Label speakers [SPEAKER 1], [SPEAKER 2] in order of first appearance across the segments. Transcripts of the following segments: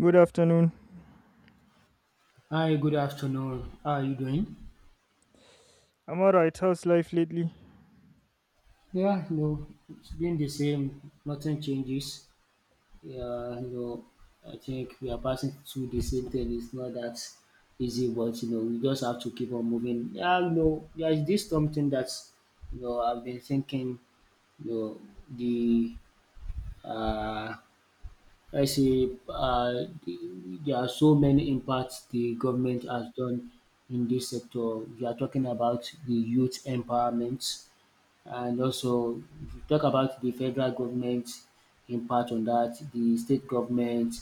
[SPEAKER 1] Good afternoon.
[SPEAKER 2] Hi, good afternoon. How are you doing?
[SPEAKER 1] I'm alright. How's life lately?
[SPEAKER 2] Yeah, you know, it's been the same. Nothing changes. Yeah, you know, I think we are passing through the same thing. It's not that easy, but you know, we just have to keep on moving. Yeah, you know, there is this something that you know I've been thinking. You know, the uh, I say there are so many impacts the government has done in this sector. We are talking about the youth empowerment, and also if you talk about the federal government impact on that, the state government,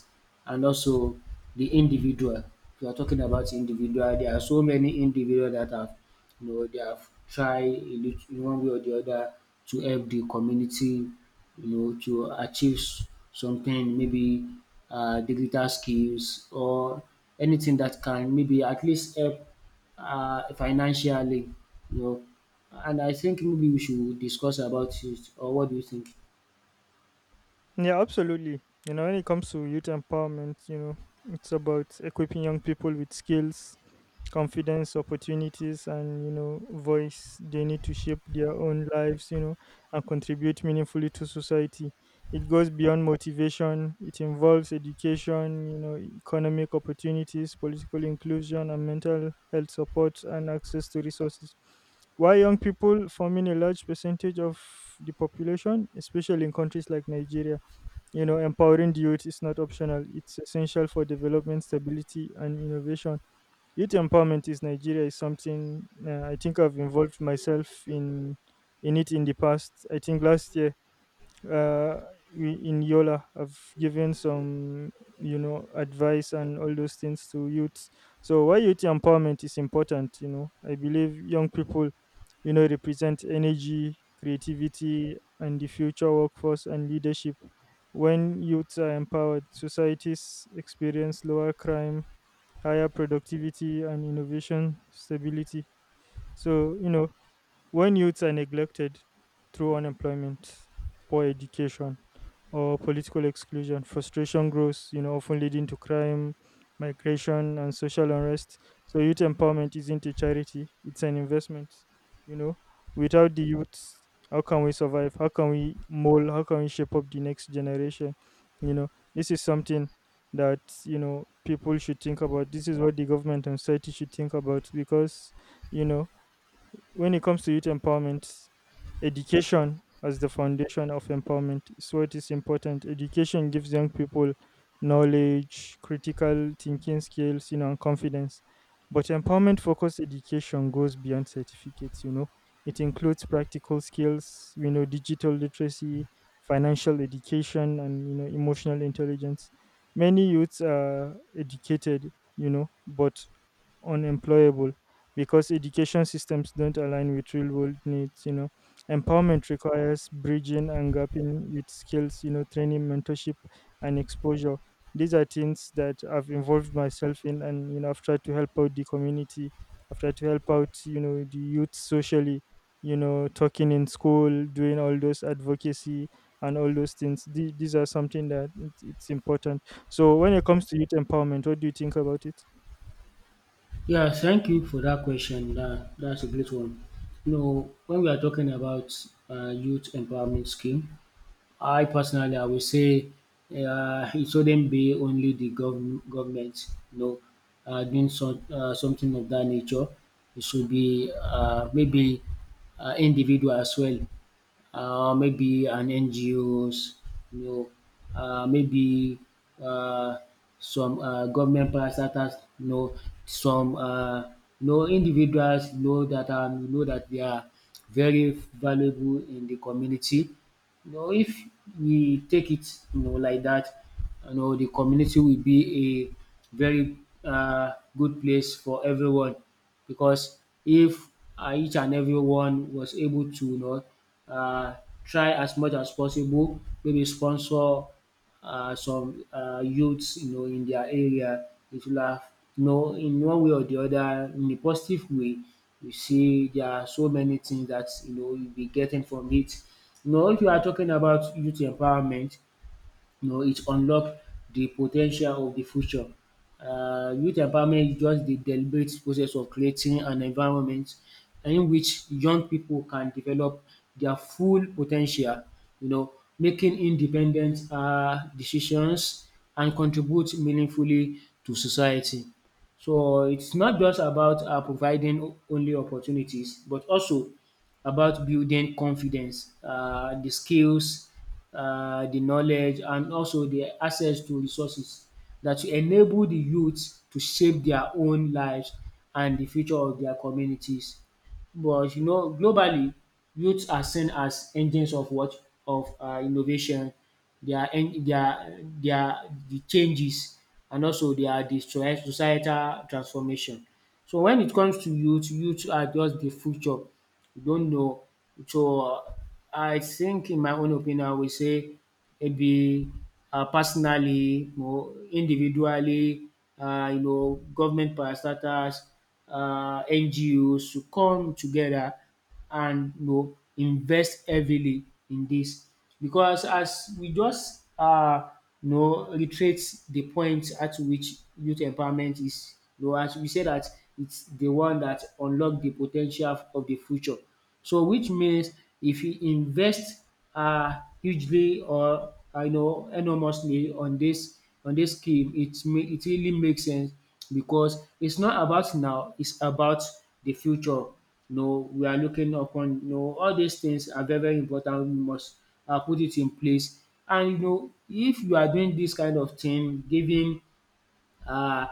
[SPEAKER 2] and also the individual. If you are talking about individual, there are so many individual that have, you know, they have tried in in one way or the other to help the community, you know, to achieve something, maybe digital skills or anything that can maybe at least help financially, you know. And I think maybe we should discuss about it, or what do you think?
[SPEAKER 1] Yeah, absolutely. You know, when it comes to youth empowerment, you know, it's about equipping young people with skills, confidence, opportunities, and, you know, voice they need to shape their own lives, you know, and contribute meaningfully to society. It goes beyond motivation. It involves education, you know, economic opportunities, political inclusion, and mental health support, and access to resources. Why young people forming a large percentage of the population, especially in countries like Nigeria, you know, empowering the youth is not optional. It's essential for development, stability, and innovation. Youth empowerment is Nigeria is something I think I've involved myself in it, in the past. I think last year uh, we, in Yola, I've given some, you know, advice and all those things to youths. So why youth empowerment is important, you know, I believe young people, you know, represent energy, creativity, and the future workforce and leadership. When youths are empowered, societies experience lower crime, higher productivity, and innovation stability. So, you know, when youths are neglected through unemployment, poor education, or political exclusion, frustration grows, you know, often leading to crime, migration, and social unrest. So youth empowerment isn't a charity, it's an investment, you know. Without the youths, how can we survive? How can we mold? How can we shape up the next generation? You know, this is something that, you know, people should think about. This is what the government and society should think about, because, you know, when it comes to youth empowerment, education as the foundation of empowerment is what is important. Education gives young people knowledge, critical thinking skills, you know, and confidence. But empowerment focused education goes beyond certificates, you know. It includes practical skills, you know, digital literacy, financial education, and, you know, emotional intelligence. Many youths are educated, you know, but unemployable, because education systems don't align with real world needs. You know, empowerment requires bridging and gapping with skills, you know, training, mentorship, and exposure. These are things that I've involved myself in, and, you know, I've tried to help out the community. I've tried to help out, you know, the youth socially, you know, talking in school, doing all those advocacy and all those things. These are something that, it's important. So when it comes to youth empowerment, what do you think about it?
[SPEAKER 2] Yeah, thank you for that question. That's a great one. You know, when we are talking about youth empowerment scheme, I personally, I would say it shouldn't be only the government, you know, doing so, something of that nature. It should be maybe individual as well, maybe an NGOs, you know, maybe uh, some government parastatals, you know, some you know individuals you know that they are very valuable in the community, you know, if we take it you know like that, you know the community will be a very good place for everyone, because if each and everyone was able to you know uh, try as much as possible, maybe sponsor some youths you know in their area, it will have you know in one way or the other in a positive way. You see there are so many things that you know you'll be getting from it. You know, if you are talking about youth empowerment, you know, it unlock the potential of the future. Youth empowerment is just the deliberate process of creating an environment in which young people can develop their full potential, you know, making independent decisions and contribute meaningfully to society. So it's not just about providing only opportunities, but also about building confidence, the skills, the knowledge, and also the access to resources that will enable the youth to shape their own lives and the future of their communities. But you know, globally, youths are seen as engines of what of innovation. They are en- they are they are the changes, and also they are the societal transformation. So when it comes to youth are just the future you don't know. So, I think in my own opinion, I would say maybe personally, you know, individually, you know, government parastatals, NGOs should come together and you know invest heavily in this, because as we just you know reiterate the point at which youth empowerment is, you know, as we say that it's the one that unlock the potential of the future. So which means if you invest hugely or I know enormously on this, on this scheme, it it really makes sense, because it's not about now, it's about the future. You know, we are looking upon, you know, all these things are very important. We must put it in place. And you know, if you are doing this kind of thing, giving uh,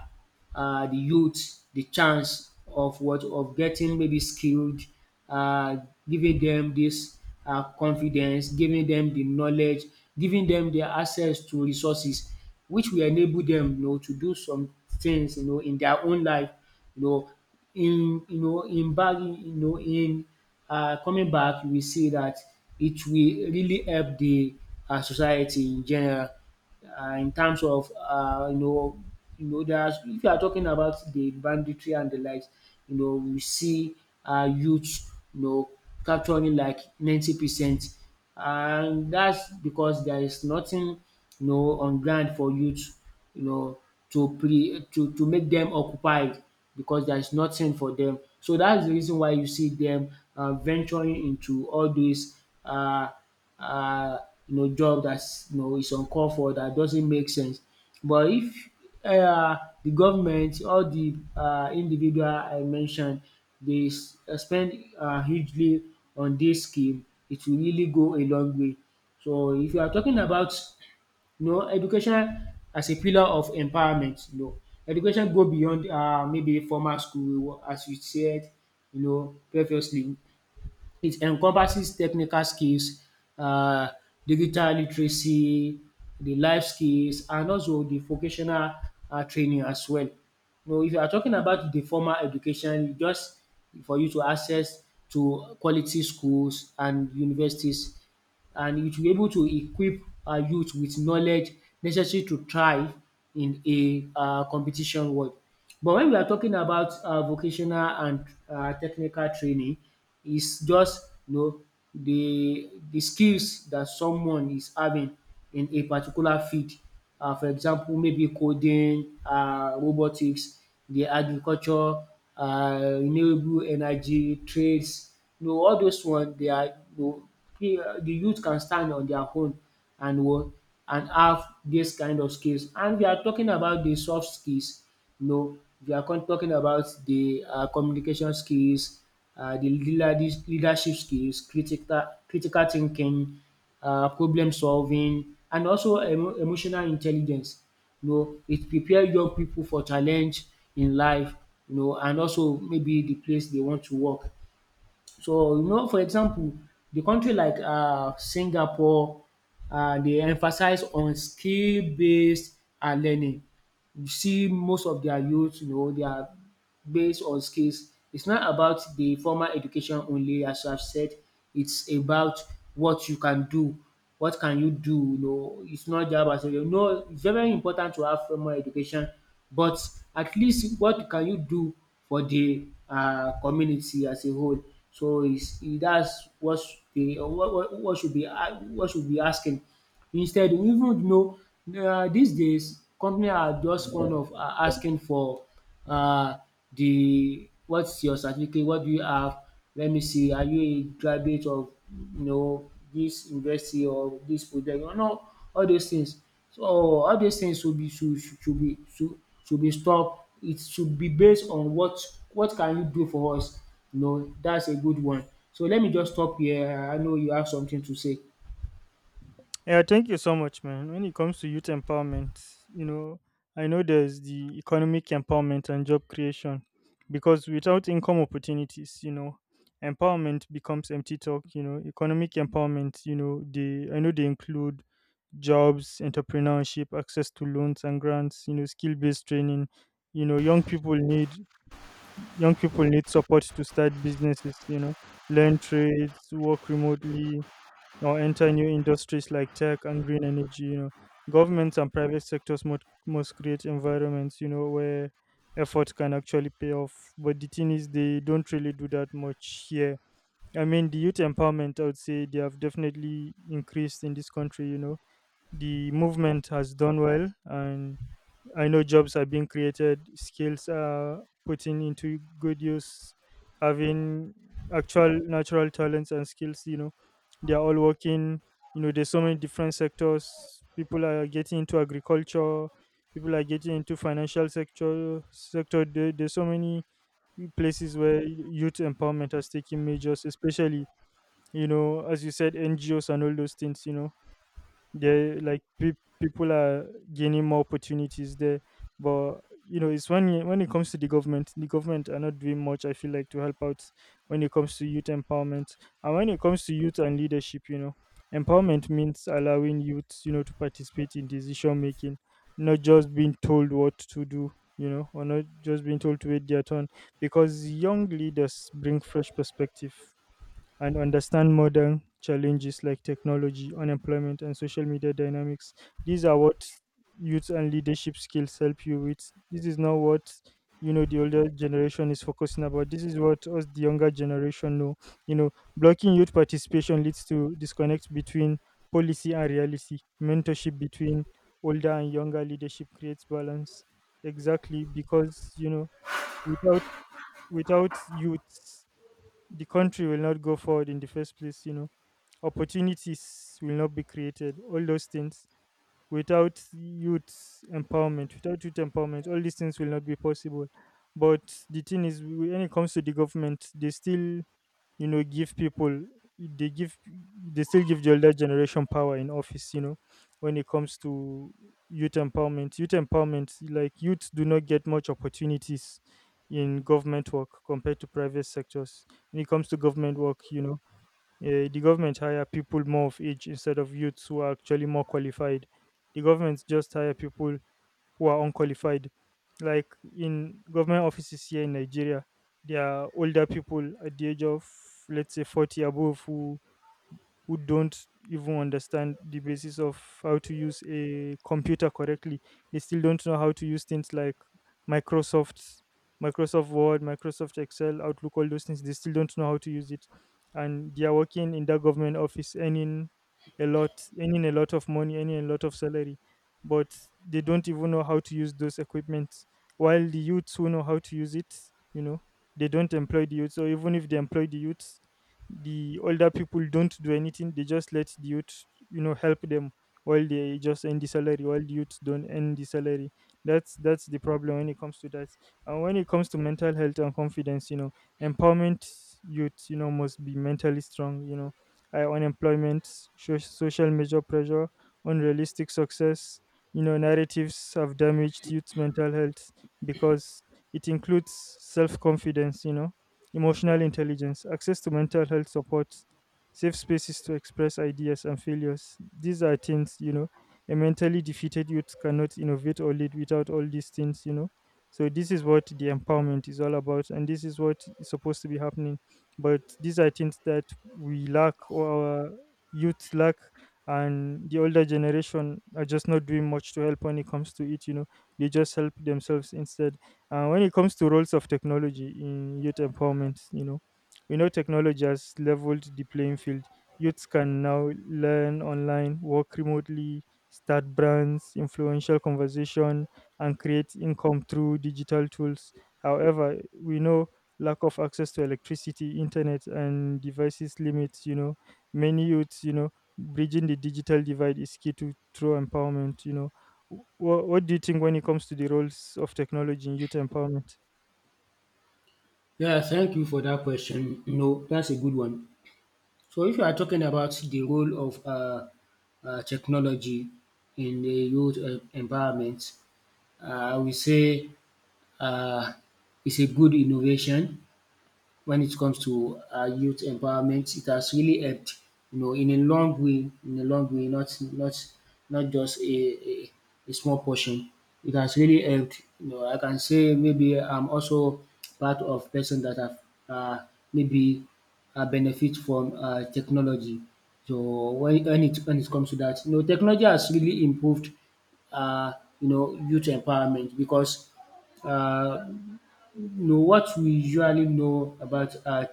[SPEAKER 2] the youth the chance of what of getting maybe skilled, uh, giving them this confidence, giving them the knowledge, giving them the access to resources, which will enable them, you know, to do some things, you know, in their own life, you know, in you know, you know, in coming back, you will see that it will really help the society in general, in terms of you know, you know there's, if you are talking about the banditry and the likes, you know we see youth you know capturing like 90%. And that's because there is nothing you know on ground for youth, you know, to pre to make them occupied, because there is nothing for them. So that's the reason why you see them venturing into all these uh, you know job that's you know is uncalled for, that doesn't make sense. But if uh the government or the individual I mentioned dey spend hugely on this scheme, it will really go a long way. So if you are talking about you know education as a pillar of empowerment, you know education go beyond maybe formal school as you said you know previously. It encompasses technical skills, um digital literacy, the life skills, and also the vocational training as well. Now if you are talking about the formal education, you just for you to access to quality schools and universities, and it will be able to equip our youth with knowledge necessary to thrive in a competition world. But when we are talking about vocational and technical training, it's just you know the skills that someone is having in a particular field. For example maybe coding, robotics, the agriculture, renewable energy, trades, you know all those one they are you know the youth can stand on their own and what and have this kind of skills. And we are talking about the soft skills, you know, we are talking about the communication skills, the leadership skills, critical thinking, problem solving, and also emotional intelligence. You know, it prepare young people for challenge in life, you know, and also maybe the place they want to work. So, you know, for example, the country like Singapore, dey emphasize on skill based learning. You see most of their youth, you know, they are based on skills. It's not about the formal education only, as I've said. It's about what you can do. What can you do? You know, it's not just about saying, no, it's very important to have formal education, but at least what can you do for the community as a whole? So that's what, the, what should be asking. Instead, we even know dis days company are just fond of asking for uh, the what's your certificate, what do you have, let me see are you a graduate of you know this university or this project, you know, all those things. So all those things should be stopped. It should be based on what can you do for us, you know, dats a good one. So let me just stop here, I know you have something to say.
[SPEAKER 1] Yeah, thank you so much, man. When it comes to youth empowerment, you know, I know there's the economic empowerment and job creation, because without income opportunities, you know, empowerment becomes empty talk. You know, economic empowerment, you know, they, I know they include jobs, entrepreneurship, access to loans and grants, you know, skill-based training. You know, young people need support to start businesses, you know, learn trades, work remotely, or enter new industries like tech and green energy. You know, governments and private sectors must create environments, you know, where effort can actually pay off. But the thing is, they don't really do that much here. I mean, the youth empowerment, I would say, they have definitely increased in this country. You know, the movement has done well, and I know jobs are being created, skills are putting into good use, having actual natural talents and skills, you know, they are all working. You know, there's so many different sectors. People are getting into agriculture, people are getting into financial sector. There's so many places where youth empowerment has taken measures, especially, you know, as you said, NGOs and all those things. You know, they like pe- people are gaining more opportunities there. But, you know, it's when it comes to the government, the government are not doing much, I feel like, to help out when it comes to youth empowerment. And when it comes to youth and leadership, you know, empowerment means allowing youth, you know, to participate in decision making, not just being told what to do, you know, or not just being told to wait their turn, because young leaders bring fresh perspective and understand modern challenges like technology, unemployment, and social media dynamics. These are what youth and leadership skills help you with. This is not what, you know, the older generation is focusing about. This is what us the younger generation know. You know, blocking youth participation leads to disconnect between policy and reality. Mentorship between older and younger leadership creates balance. Exactly, because, you know, without without youth, the country will not go forward in the first place. You know, opportunities will not be created, all those things. Without youth empowerment, all these things will not be possible. But the thing is, when it comes to the government, they still, you know, give people, they give they still give the older generation power in office. You know, when it comes to youth empowerment, like, youths do not get much opportunities in government work compared to private sectors. When it comes to government work, you know, the government hire people more of age instead of youths who are actually more qualified. The government just hire people who are unqualified. Like, in government offices here in Nigeria, there are older people at the age of, let's say, 40 above, who don't even understand the basis of how to use a computer correctly. They still don't know how to use things like Microsoft, Microsoft Word, Microsoft Excel, Outlook, all those things. They still don't know how to use it, and they are working in that government office, earning a lot of money, earning a lot of salary, but they don't even know how to use those equipments. While the youths who know how to use it, you know, they don't employ the youth. So even if they employ the youth, the older people don't do anything, they just let the youth, you know, help them, while they just earn the salary, while the youth don't earn the salary. That's the problem when it comes to that. And when it comes to mental health and confidence, you know, empowerment, youth, you know, must be mentally strong. You know, high unemployment, social measure pressure, unrealistic success, you know, narratives have damaged youth's mental health, because it includes self-confidence, you know, emotional intelligence, access to mental health support, safe spaces to express ideas and failures. These are things, you know, a mentally defeated youth cannot innovate or lead without all these things, you know. So this is what the empowerment is all about, and this is what is supposed to be happening. But these are things that we lack, or our youth lack, and the older generation are just not doing much to help when it comes to it. You know, they just help themselves instead. And when it comes to roles of technology in youth empowerment, you know, we know technology has leveled the playing field. Youths can now learn online, work remotely, start brands, influential conversation, and create income through digital tools. However, we know lack of access to electricity, internet, and devices limits, you know, many youths, you know, bridging the digital divide is key to true empowerment. You know, what do you think when it comes to the roles of technology in youth empowerment?
[SPEAKER 2] Yeah, thank you for that question. No, that's a good one. So if you are talking about the role of technology in the youth environment, uh, I would say uh, it's a good innovation when it comes to youth empowerment. It has really helped, you know, in a long way, in a long way, not just a small portion. It has really helped. You know, I can say maybe I'm also part of person that have uh, maybe benefit from technology. So when it comes to that, you know, technology has really improved, uh, you know, youth empowerment, because uh, know, what we usually know about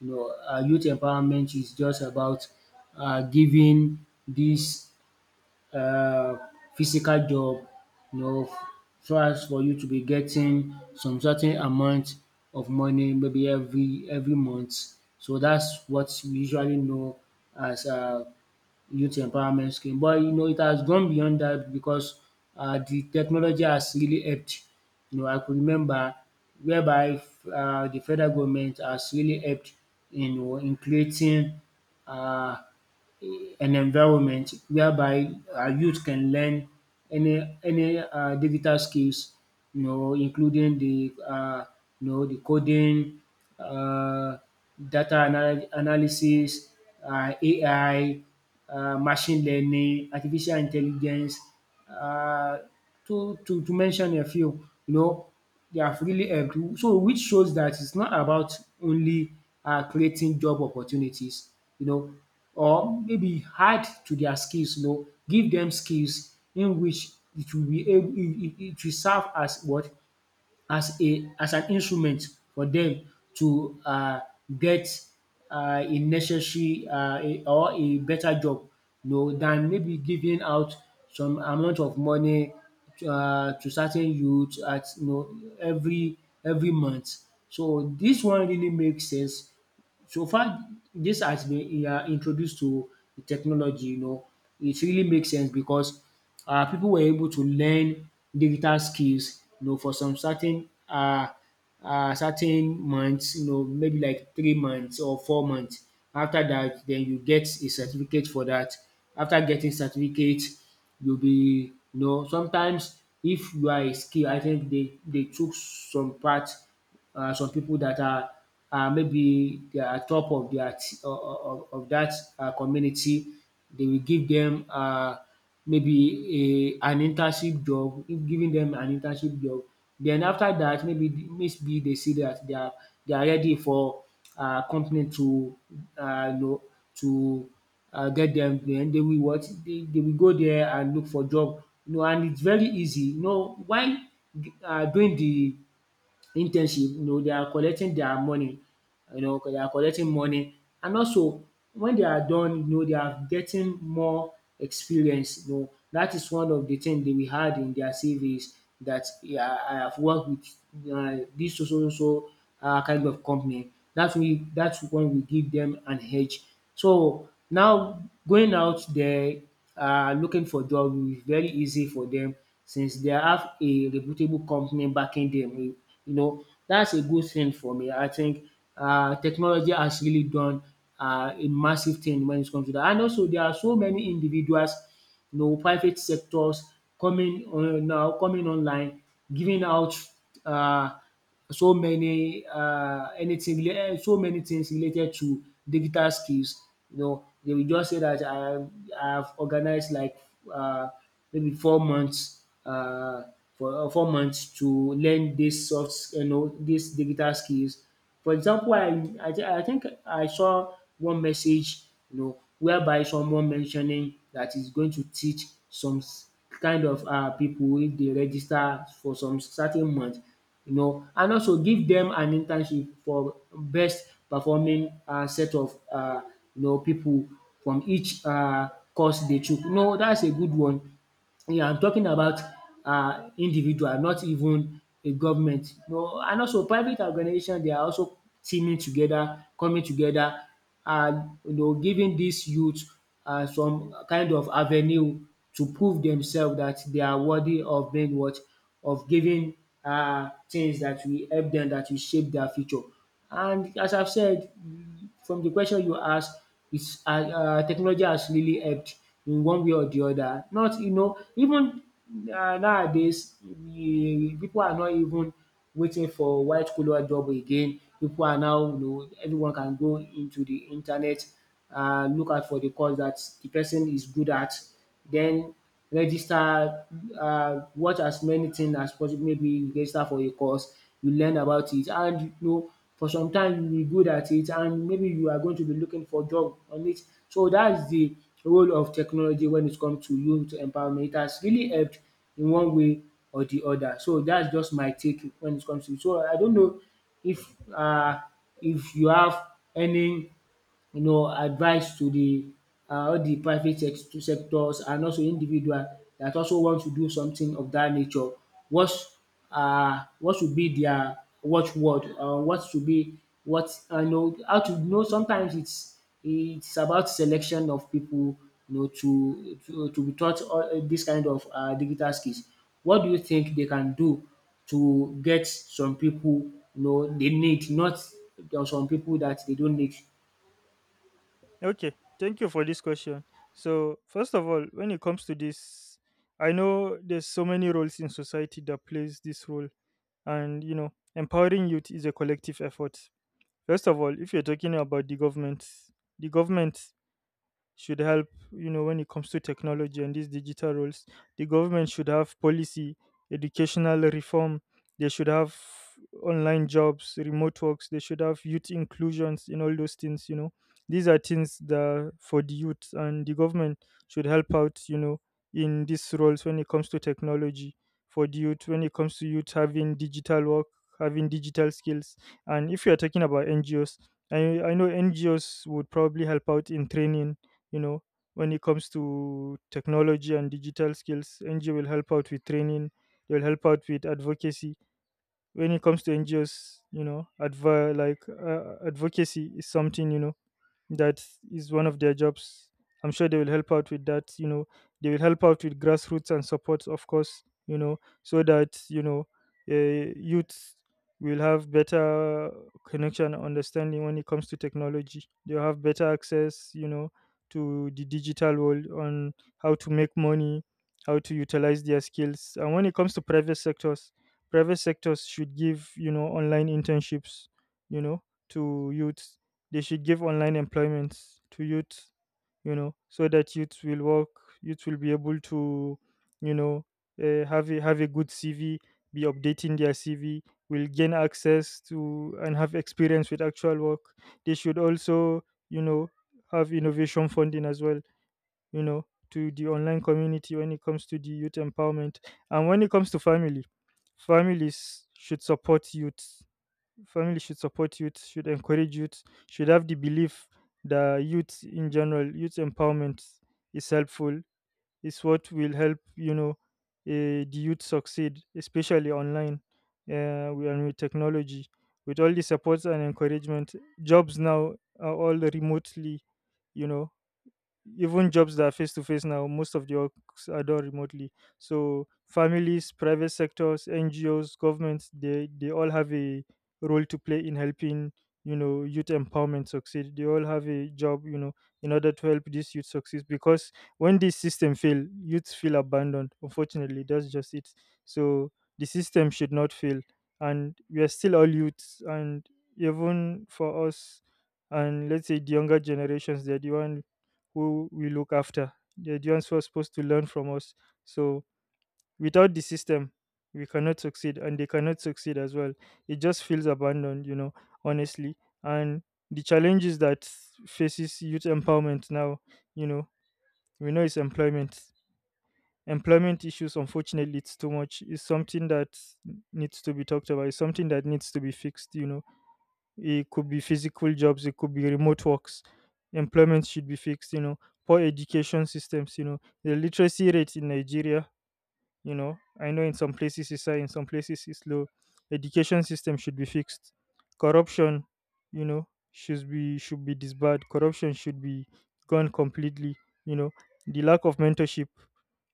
[SPEAKER 2] you know, youth empowerment is just about giving these uh, physical job, you know, so as for you to be getting some certain amount of money maybe every month. So that's what we usually know as youth empowerment scheme, but you know it has gone beyond that, because the technology has really helped. You know I could remember whereby the federal government has really helped in creating uh an environment whereby youth can learn any digital skills, you know, including the you know the coding, uh, data analysis, AI, machine learning, artificial intelligence, uh, to mention a few, you know. They have really helped. So which shows that it's not about only creating job opportunities, you know, or maybe add to their skills, you know, give them skills in which it will be able, it will serve as what as a as an instrument for them to get a necessary or a better job, you know, than maybe giving out some amount of money to certain youth at you know every month. So this one really makes sense so far. This has been you introduced to the technology, you know, it really makes sense because people were able to learn digital skills, you know, for some certain certain months, you know, maybe like 3 months or 4 months. After that, then you get a certificate for that. After getting certificate, you will be, you know, sometimes if you are a skill, I think they took some part, some people that are, maybe they are top of their of that community. They will give them, maybe a, an internship job, giving them an internship job. Then after that, maybe they see that they are ready for, company to, you know, to, get them. Then they will what, they will go there and look for job. You know, and it's very easy. You know, while, doing the internship, you know, they are collecting their money, you know, they are collecting money. And also when they are done, you know, they are getting more experience. You know, that is one of the things they we had in their CVs, that yeah, I have worked with, this so so so so, kind of company. That's we. That's one we give them an edge. So now going out there are looking for job will be very easy for them since they have a reputable company backing them. You know, that's a good thing for me. I think, technology has really done, a massive thing when it comes to that. And also, there are so many individuals, you know, private sectors coming on now, coming online, giving out. Uh, so many anything, so many things related to digital skills, you know, they will just say that I have organized like, uh maybe 4 months, for, 4 months to learn dis soft, you know, dis digital skills. For example, I think I saw one message, you know, whereby someone mentioning dat he's going to teach some kind of people if they register for some certain month, you know, and also give them an internship for best performing, set of you know people from each course they took. No, that's a good one. Yeah, I'm talking about, individual, not even a government. No, and also private organization, they are also teaming together, coming together, and, you know, giving these youth, some kind of avenue to prove themselves that they are worthy of being what, of giving, things that will help them, that will shape their future. And as I've said, from the question you asked, it's, technology has really helped in one way or the other. Not, you know, even, nowadays, the people are not even waiting for white collar job again. People are now, you know, everyone can go into the internet, look out for the course that the person is good at. Then register, watch as many things as possible. Maybe you register for a course, you learn about it, and, you know, for some time you will be good at it and maybe you are going to be looking for job on it. So that's the role of technology when it comes to youth empowerment. It has really helped in one way or the other. So that's just my take when it comes to it. So I don't know if uh if you have any, you know, advice to the, all the private sectors and also individual that also want to do something of that nature. What, what should be their watchword? What should be what I know how to know? Sometimes it's about selection of people, you know, to to be taught all this kind of digital skills. What do you think they can do to get some people, you know, they need, not there are some people that they don't need?
[SPEAKER 1] Okay, thank you for this question. So, first of all, when it comes to this, I know there's so many roles in society that plays this role, and, you know, empowering youth is a collective effort. First of all, if you're talking about the government should help, you know, when it comes to technology and these digital roles, the government should have policy, educational reform. They should have online jobs, remote works. They should have youth inclusions in all those things, you know. These are things that for the youth, and the government should help out, you know, in these roles when it comes to technology for the youth, when it comes to youth having digital work, having digital skills. And if you are talking about ngos, I know NGOs would probably help out in training, you know, when it comes to technology and digital skills, ngo will help out with training, they will help out with advocacy. When it comes to ngos, you know, like uh, advocacy is something, you know, that is one of their jobs. I'm sure they will help out with that, you know. They will help out with grassroots and support, of course, you know, so that, you know, youth will have better connection and understanding when it comes to technology. They'll have better access, you know, to the digital world, on how to make money, how to utilize their skills. And when it comes to private sectors, private sectors should give, you know, online internships, you know, to youth. They should give online employment to youth, you know, so that youth will work, youth will be able to, you know, have a good CV, be updating their CV, will gain access to and have experience with actual work. They should also, you know, have innovation funding as well, you know, to the online community when it comes to the youth empowerment. And when it comes to family, families should support youth. Family should support youth, should encourage youth, should have the belief that youth in general, youth empowerment is helpful. Is what will help, you know, the youth succeed, especially online, and with technology. With all the support and encouragement, jobs now are all remotely, you know, even jobs that are face to face now, most of the works are done remotely. So families, private sectors, NGOs, governments, they all have a role to play in helping, you know, youth empowerment succeed. They all have a job, you know, in order to help these youth succeed, because when this system fail, youths feel abandoned. Unfortunately, that's just it. So the system should not fail, and we are still all youths, and even for us, and let's say the younger generations, they're the one who we look after, the ones who supposed to learn from us. So without the system, we cannot succeed and they cannot succeed as well. It just feels abandoned, you know, honestly. And the challenges that faces youth empowerment now, you know, we know it's employment. Employment issues, unfortunately, it's too much. It's something that needs to be talked about. It's something that needs to be fixed, you know. It could be physical jobs, it could be remote works. Employment should be fixed, you know, poor education systems, you know, the literacy rate in Nigeria, you know, I know in some places it's high, in some places it's low. Education system should be fixed. Corruption, you know, should be, should be disbarred. Corruption should be gone completely, you know. The lack of mentorship,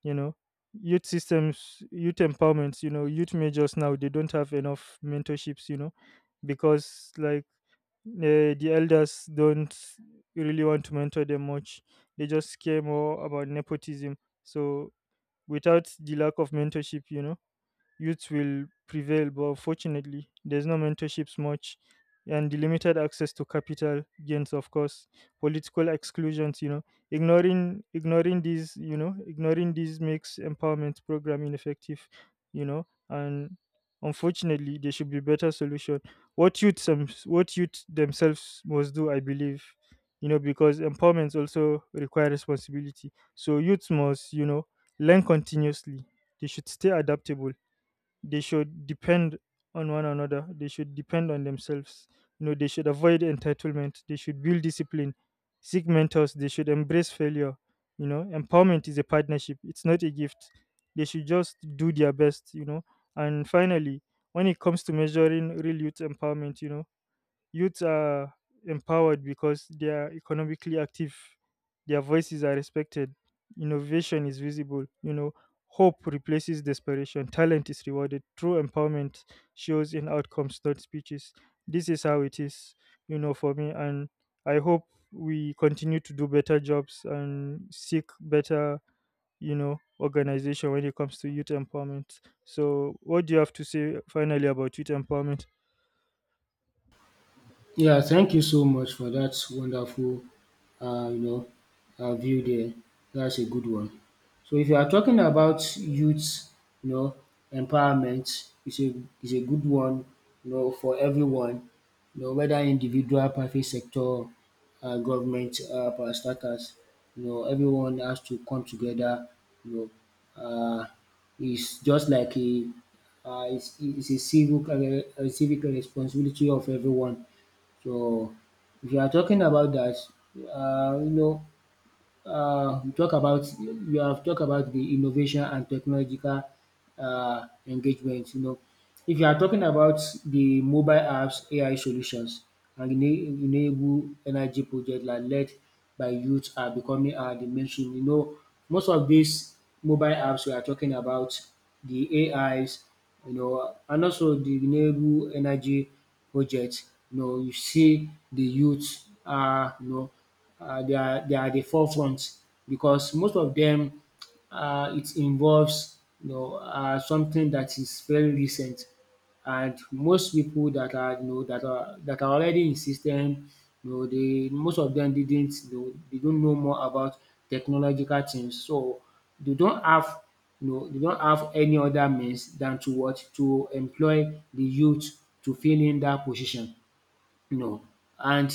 [SPEAKER 1] you know, youth systems, youth empowerments, you know, youth majors now, they don't have enough mentorships, you know, because like the elders don't really want to mentor them much. They just care more about nepotism. So without the lack of mentorship, you know? Youth will prevail, but fortunately, there's no mentorships much, and the limited access to capital gains, of course, political exclusions. You know, ignoring these, you know, ignoring these makes empowerment program ineffective. You know, and unfortunately, there should be better solution. What youth, some, what youth themselves must do, I believe, you know, because empowerment also require responsibility. So youth must, you know, learn continuously. They should stay adaptable, they should depend on one another, they should depend on themselves, you know. They should avoid entitlement, they should build discipline, seek mentors, they should embrace failure, you know. Empowerment is a partnership, it's not a gift. They should just do their best, you know. And finally, when it comes to measuring real youth empowerment, you know, youths are empowered because they are economically active, their voices are respected, innovation is visible, you know, hope replaces desperation, talent is rewarded. True empowerment shows in outcomes, not speeches. This is how it is, you know, for me. And I hope we continue to do better jobs and seek better, you know, organization when it comes to youth empowerment. So what do you have to say finally about youth empowerment?
[SPEAKER 2] Yeah, thank you so much for that wonderful, you know, view there. That's a good one. So if you are talking about youth, you know, empowerment is a, is a good one, you know, for everyone, you know, whether individual, private sector, government, power stackers, you know, everyone has to come together, you know, it's just like a, it's a civic, a civic responsibility of everyone. So if you are talking about that, you know, you talk about, you have talk about the innovation and technological engagement, you know. If you are talking about the mobile apps, AI solutions and enable energy project like led by youth are becoming the mainstream. You know, most of these mobile apps we are talking about, the AIs, you know, and also the renewable energy project, you know, you see the youth are, you know, are they are at the forefront because most of them, it involves, you know, something that is very recent, and most people that are, you know, that are already in system, you know, they, most of them didn't, you know, they don't know more about technological things. So they don't have, you know, they don't have any other means than to what, to employ the youth to fill in that position, you know. And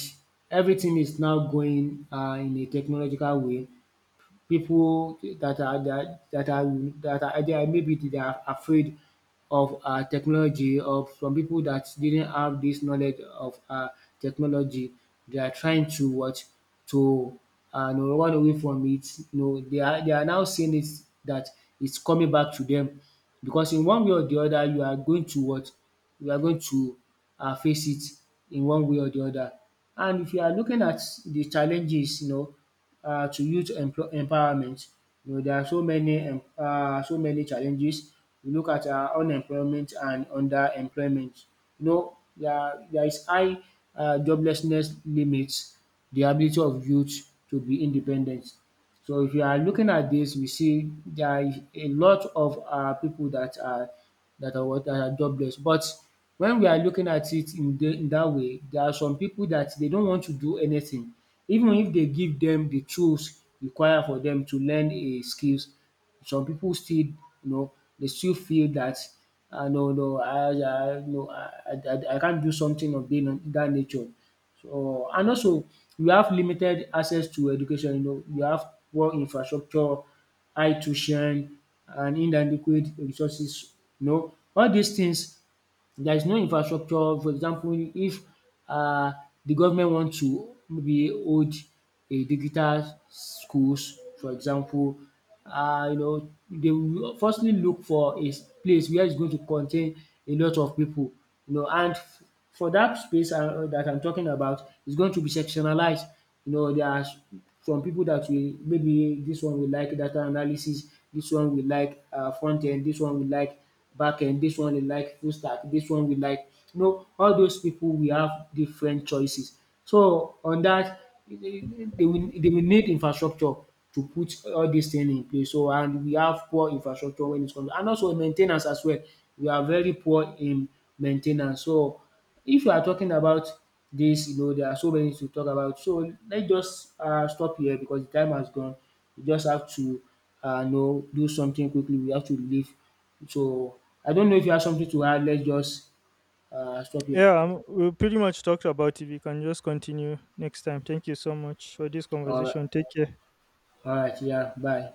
[SPEAKER 2] everything is now going in a technological way. People that are that are that are either maybe they are afraid of, technology, or from people that didn't have this knowledge of, technology. They are trying to what, to, no, run away from it. No, they are, they are now seeing it that it's coming back to them, because in one way or the other you are going to what, you are going to, face it in one way or the other. And if you are looking at the challenges, you know, to youth employ empowerment. You know, there are so many so many challenges. You look at unemployment and underemployment. You know, there is high joblessness limits the ability of youth to be independent. So if you are looking at this, we see there is a lot of people that are what that are jobless. But when we are looking at it in the, in that way, there are some people that they don't want to do anything. Even if they give them the tools required for them to learn a skills, some people still, you know, they still feel that, ah, no no, I I no, I can't do something of being of that nature. So, and also we have limited access to education, you know, we have poor infrastructure, high tuition, and inadequate resources, you know. All these things, there is no infrastructure. For example, if um the government want to maybe hold a digital schools, for example, you know, they will firstly look for a place where is going to contain a lot of pipu, you know, and for dat space, dat I'm talking about is going to be sectionalized. You know, there are some pipu dat will maybe dis one will like data analysis, dis one will like front end, dis one will like backend, this one dey like full stack, this one we like, you know, all those people will have different choices. So on dat, they, they will need infrastructure to put all dis thing in place. So, and we have poor infrastructure when it comes, and also main ten ance as well. We are very poor in main ten ance. So if you are talking about this, you know, there are so many to talk about. So let's just stop here because the time has gone. We just have to, you know, do something quickly. We have to leave. So, I don't know if you have something to add, let's just stop here.
[SPEAKER 1] Yeah, we pretty much talked about it. We can just continue next time. Thank you so much for this
[SPEAKER 2] Alright,
[SPEAKER 1] conversation. Take care.
[SPEAKER 2] alright, yeah, bye.